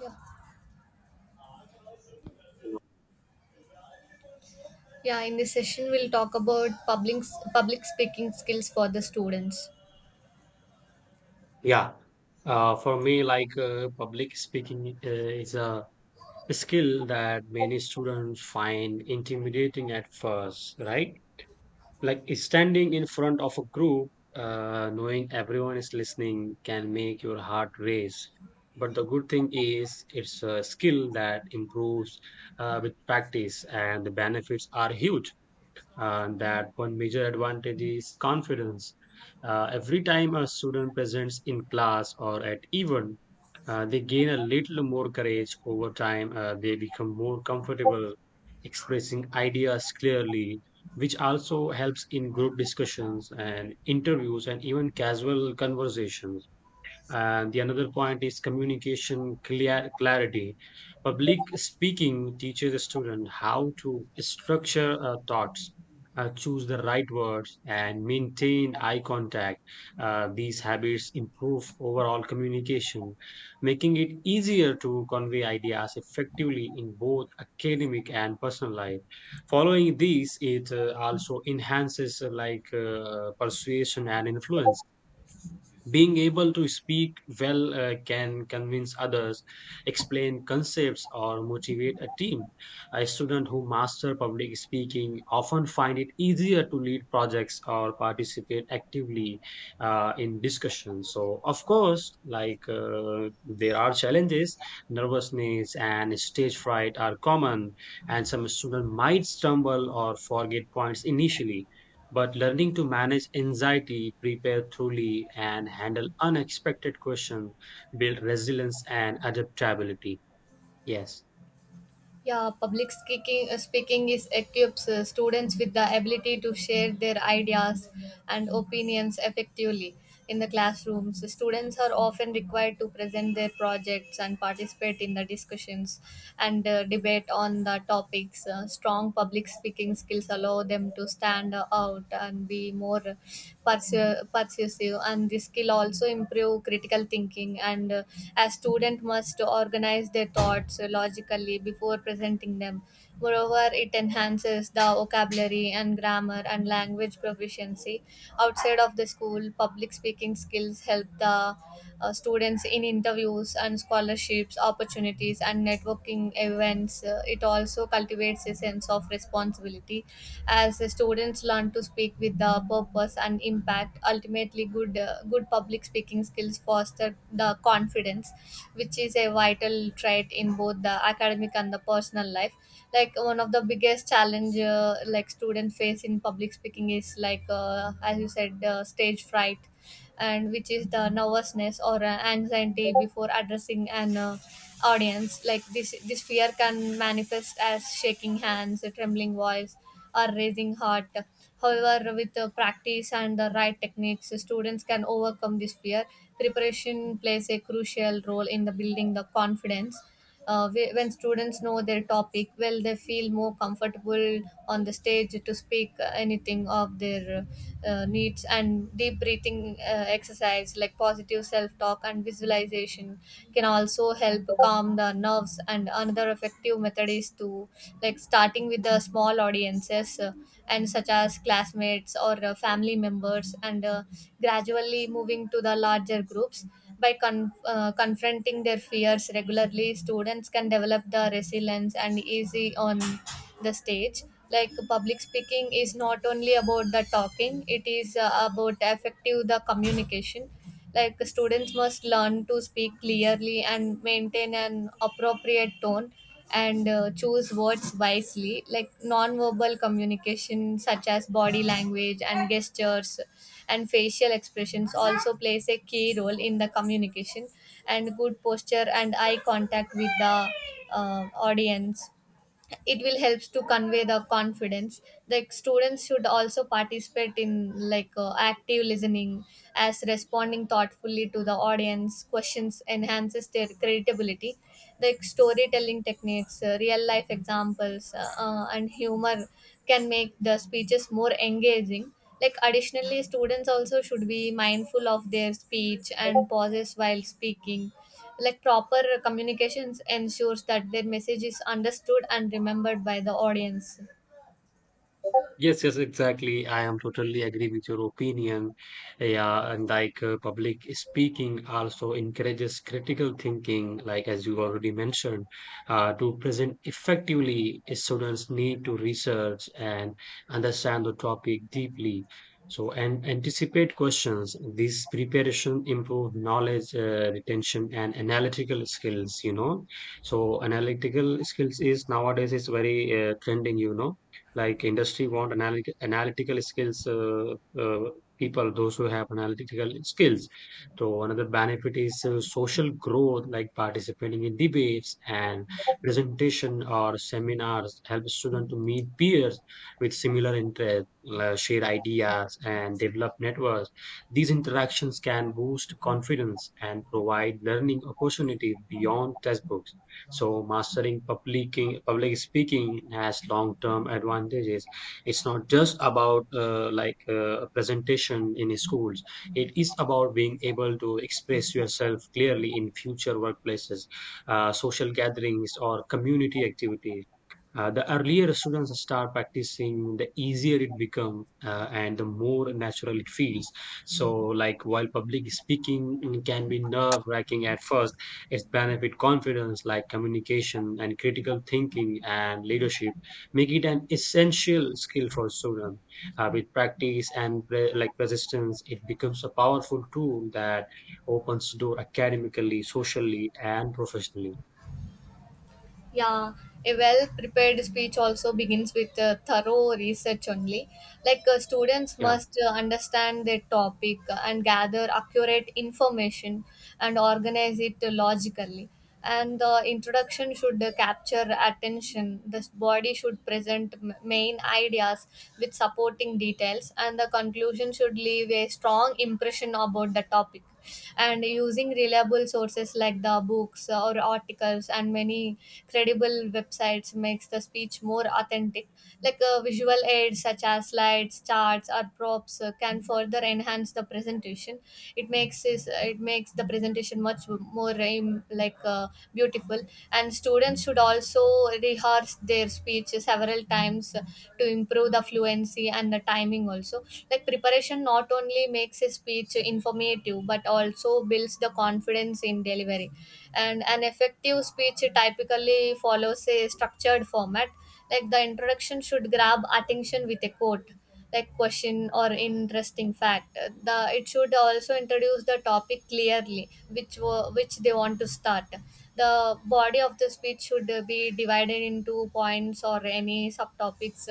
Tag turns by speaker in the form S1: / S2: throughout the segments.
S1: Yeah. Yeah, in this session we'll talk about public speaking skills for the students.
S2: Yeah, for me, public speaking is a skill that many students find intimidating at first, right? Like standing in front of a group, knowing everyone is listening can make your heart race. But the good thing is, it's a skill that improves with practice, and the benefits are huge. That one major advantage is confidence. Every time a student presents in class or at event, they gain a little more courage over time. They become more comfortable expressing ideas clearly, which also helps in group discussions and interviews and even casual conversations. And the another point is clarity. Public speaking teaches a student how to structure thoughts, choose the right words, and maintain eye contact. These habits improve overall communication, making it easier to convey ideas effectively in both academic and personal life. Following these, it also enhances persuasion and influence, being able to speak well can convince others, explain concepts, or motivate a team. A student who master public speaking often find it easier to lead projects or participate actively in discussions. So of course, there are challenges. Nervousness and stage fright are common, and some students might stumble or forget points initially, but learning to manage anxiety, prepare thoroughly, and handle unexpected questions build resilience and adaptability. Yes.
S1: Yeah, public speaking speaking is equips students with the ability to share their ideas and opinions effectively in the classrooms. Students are often required to present their projects and participate in the discussions and debate on the topics. Strong public speaking skills allow them to stand out and be more persuasive, and this skill also improve critical thinking. And a student must organize their thoughts logically before presenting them. Moreover, it enhances the vocabulary and grammar and language proficiency. Outside of the school, public speaking skills help the students in interviews and scholarships opportunities and networking events. It also cultivates a sense of responsibility as the students learn to speak with the purpose and impact. Ultimately, good public speaking skills foster the confidence, which is a vital trait in both the academic and the personal life. Like, one of the biggest challenge like students face in public speaking is, like, as you said, stage fright, and which is the nervousness or anxiety before addressing an audience. Like, this fear can manifest as shaking hands, a trembling voice, or raising heart. However, with the practice and the right techniques, students can overcome this fear. Preparation plays a crucial role in the building the confidence. When students know their topic well, they feel more comfortable on the stage to speak anything of their needs. And deep breathing exercise, like positive self-talk and visualization, can also help calm the nerves. And another effective method is to, like, starting with the small audiences, and such as classmates or family members, and gradually moving to the larger groups. By confronting their fears regularly, students can develop the resilience and easy on the stage. Like, public speaking is not only about the talking; it is, about effective the communication. Like, students must learn to speak clearly and maintain an appropriate tone and choose words wisely. Like, non-verbal communication such as body language and gestures and facial expressions also plays a key role in the communication. And good posture and eye contact with the audience, it will helps to convey the confidence. Like, students should also participate in, like, active listening, as responding thoughtfully to the audience questions enhances their credibility. Like, storytelling techniques, real life examples, and humor can make the speeches more engaging. Like, additionally, students also should be mindful of their speech and pauses while speaking. Like, proper communications ensures that their message is understood and remembered by the audience.
S2: Yes, yes, exactly. I am totally agree with your opinion. Yeah, and public speaking also encourages critical thinking, like as you already mentioned, to present effectively, students need to research and understand the topic deeply. So, and anticipate questions. This preparation improve knowledge retention and analytical skills, you know. So, analytical skills is nowadays is very trending, you know, like industry want analytical skills, people those who have analytical skills. So another benefit is social growth, like participating in debates and presentation or seminars help students to meet peers with similar interests, share ideas and develop networks. These interactions can boost confidence and provide learning opportunities beyond textbooks. So mastering public public speaking has long term advantages. It's not just about presentation in schools. It is about being able to express yourself clearly in future workplaces, social gatherings, or community activities. The earlier students start practicing, the easier it becomes and the more natural it feels. So, like while public speaking can be nerve wracking at first, it's benefit confidence, like communication and critical thinking and leadership, make it an essential skill for students. With practice and like persistence, it becomes a powerful tool that opens door academically, socially, and professionally.
S1: Yeah, a well prepared speech also begins with thorough research only. Like, students
S2: Yeah.
S1: must understand their topic and gather accurate information and organize it logically. And the introduction should capture attention. The body should present main ideas with supporting details, and the conclusion should leave a strong impression about the topic. And using reliable sources like the books or articles and many credible websites makes the speech more authentic. Like, visual aids such as slides, charts, or props can further enhance the presentation. It makes the presentation much more beautiful. And students should also rehearse their speech several times to improve the fluency and the timing also. Like, preparation not only makes a speech informative but also builds the confidence in delivery. And an effective speech typically follows a structured format. Like, the introduction should grab attention with a quote, like question or interesting fact. The it should also introduce the topic clearly which which they want to start. The body of the speech should be divided into points or any subtopics,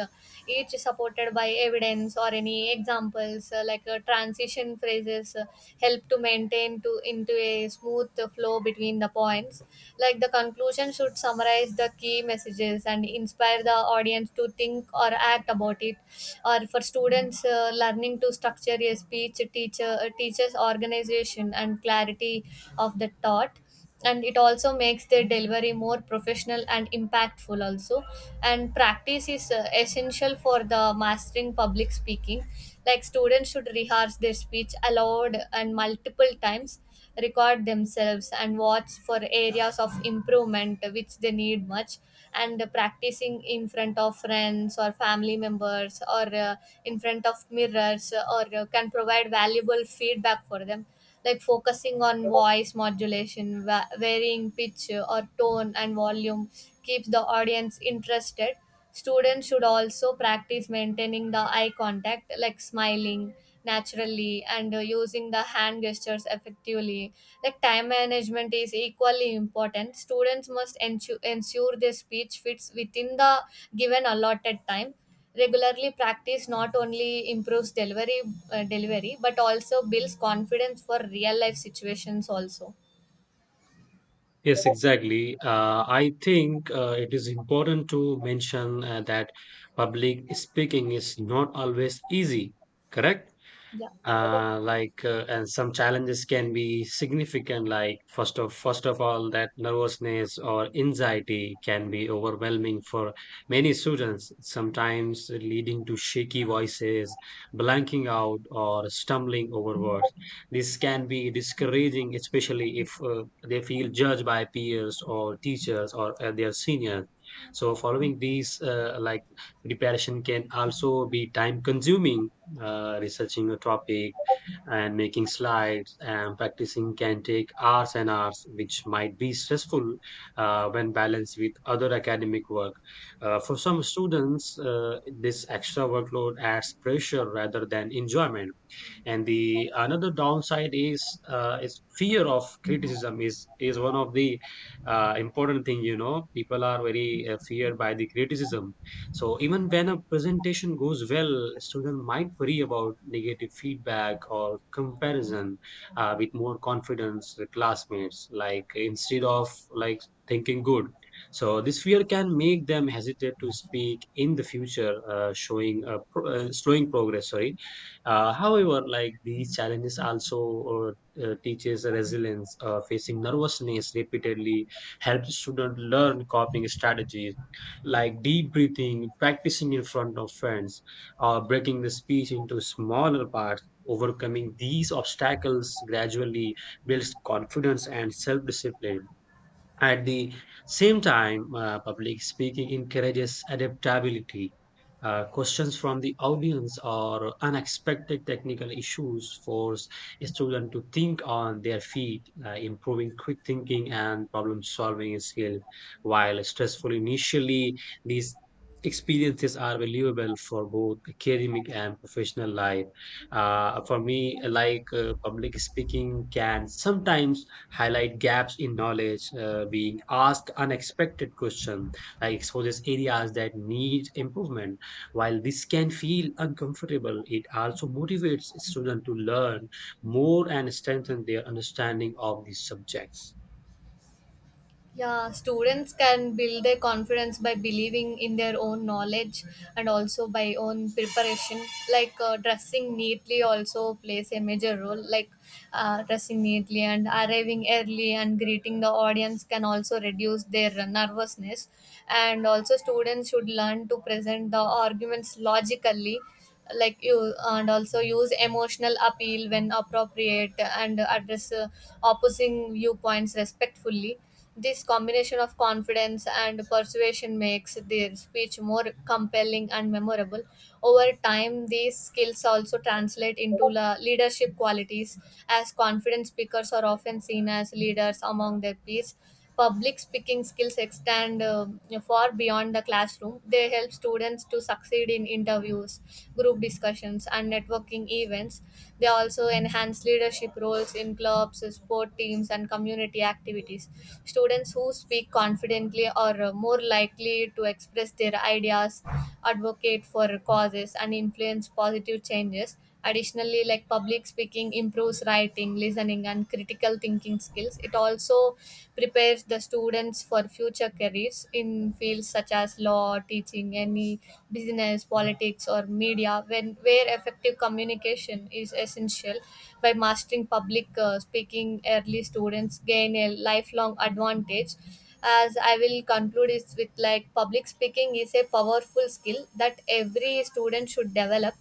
S1: each supported by evidence or any examples. Transition phrases help to maintain to into a smooth flow between the points. Like, the conclusion should summarize the key messages and inspire the audience to think or act about it. Or for students, learning to structure a speech teachers organization and clarity of the thought, and it also makes their delivery more professional and impactful also. And practice is essential for the mastering public speaking. Like, students should rehearse their speech aloud and multiple times, record themselves and watch for areas of improvement which they need much. And practicing in front of friends or family members, or in front of mirrors, or can provide valuable feedback for them. Like, focusing on voice modulation, varying pitch or tone and volume, keeps the audience interested. Students should also practice maintaining the eye contact, like smiling naturally and using the hand gestures effectively. Like, time management is equally important. Students must ensure their speech fits within the given allotted time. Regularly practice not only improves delivery but also builds confidence for real life situations also.
S2: Yes, exactly. I think it is important to mention that public speaking is not always easy, correct?
S1: Yeah.
S2: And some challenges can be significant, like first of all, that nervousness or anxiety can be overwhelming for many students, sometimes leading to shaky voices, blanking out, or stumbling over words. This can be discouraging, especially if they feel judged by peers or teachers or their seniors. So following these, preparation can also be time consuming. Researching a topic and making slides and practicing can take hours and hours, which might be stressful when balanced with other academic work. For some students, this extra workload adds pressure rather than enjoyment. And the another downside is, fear of criticism is one of the important thing, you know. People are very feared by the criticism. So even when a presentation goes well, student might worry about negative feedback or comparison with more confidence with classmates, like instead of like thinking good. So this fear can make them hesitate to speak in the future, showing slowing progress, sorry. However, like these challenges also teaches resilience. Facing nervousness repeatedly helps students learn coping strategies like deep breathing, practicing in front of friends, or breaking the speech into smaller parts. Overcoming these obstacles gradually builds confidence and self-discipline. At the same time, public speaking encourages adaptability. Questions from the audience or unexpected technical issues force students to think on their feet, improving quick thinking and problem solving skills. While stressful initially, these experiences are valuable for both academic and professional life. For me, public speaking can sometimes highlight gaps in knowledge. Being asked unexpected questions, like exposes areas that need improvement. While this can feel uncomfortable, it also motivates students to learn more and strengthen their understanding of these subjects.
S1: Yeah, students can build their confidence by believing in their own knowledge and also by own preparation. Like, dressing neatly also plays a major role. Like, dressing neatly and arriving early and greeting the audience can also reduce their nervousness. And also, students should learn to present the arguments logically, like you, and also use emotional appeal when appropriate and address opposing viewpoints respectfully. This combination of confidence and persuasion makes their speech more compelling and memorable. Over time, these skills also translate into leadership qualities, as confident speakers are often seen as leaders among their peers. Public speaking skills extend far beyond the classroom. They help students to succeed in interviews, group discussions, and networking events. They also enhance leadership roles in clubs, sport teams, and community activities. Students who speak confidently are more likely to express their ideas, advocate for causes, and influence positive changes. Additionally, like, public speaking improves writing, listening, and critical thinking skills. It also prepares the students for future careers in fields such as law, teaching, any business, politics, or media, when where effective communication is essential. By mastering public speaking, early students gain a lifelong advantage. As I will conclude is with, like, public speaking is a powerful skill that every student should develop.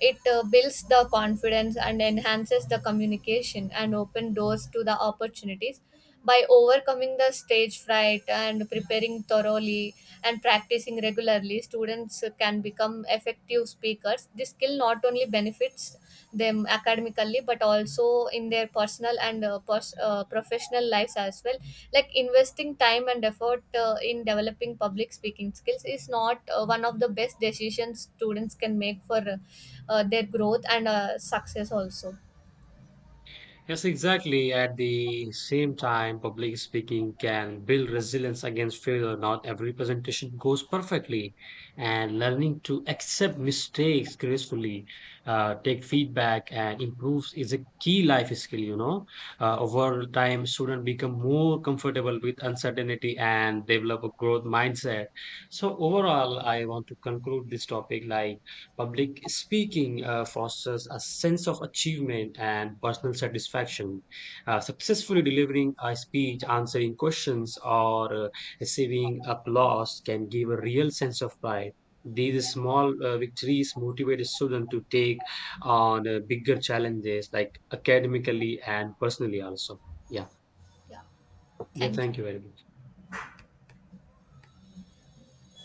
S1: It builds the confidence and enhances the communication and open doors to the opportunities. By overcoming the stage fright and preparing thoroughly and practicing regularly, students can become effective speakers. This skill not only benefits them academically but also in their personal and professional lives as well. Like, investing time and effort in developing public speaking skills is not one of the best decisions students can make for their growth and success also.
S2: Yes, exactly. At the same time, public speaking can build resilience against failure. Not every presentation goes perfectly, and learning to accept mistakes gracefully, take feedback, and improve is a key life skill. You know, over time, students become more comfortable with uncertainty and develop a growth mindset. So, overall, I want to conclude this topic like public speaking fosters a sense of achievement and personal satisfaction. Successfully delivering a speech, answering questions, or receiving applause can give a real sense of pride. These small victories motivate a student to take on bigger challenges, like academically and personally, also. Yeah.
S1: Yeah,
S2: Yeah.
S1: thank you.
S2: Thank you very much.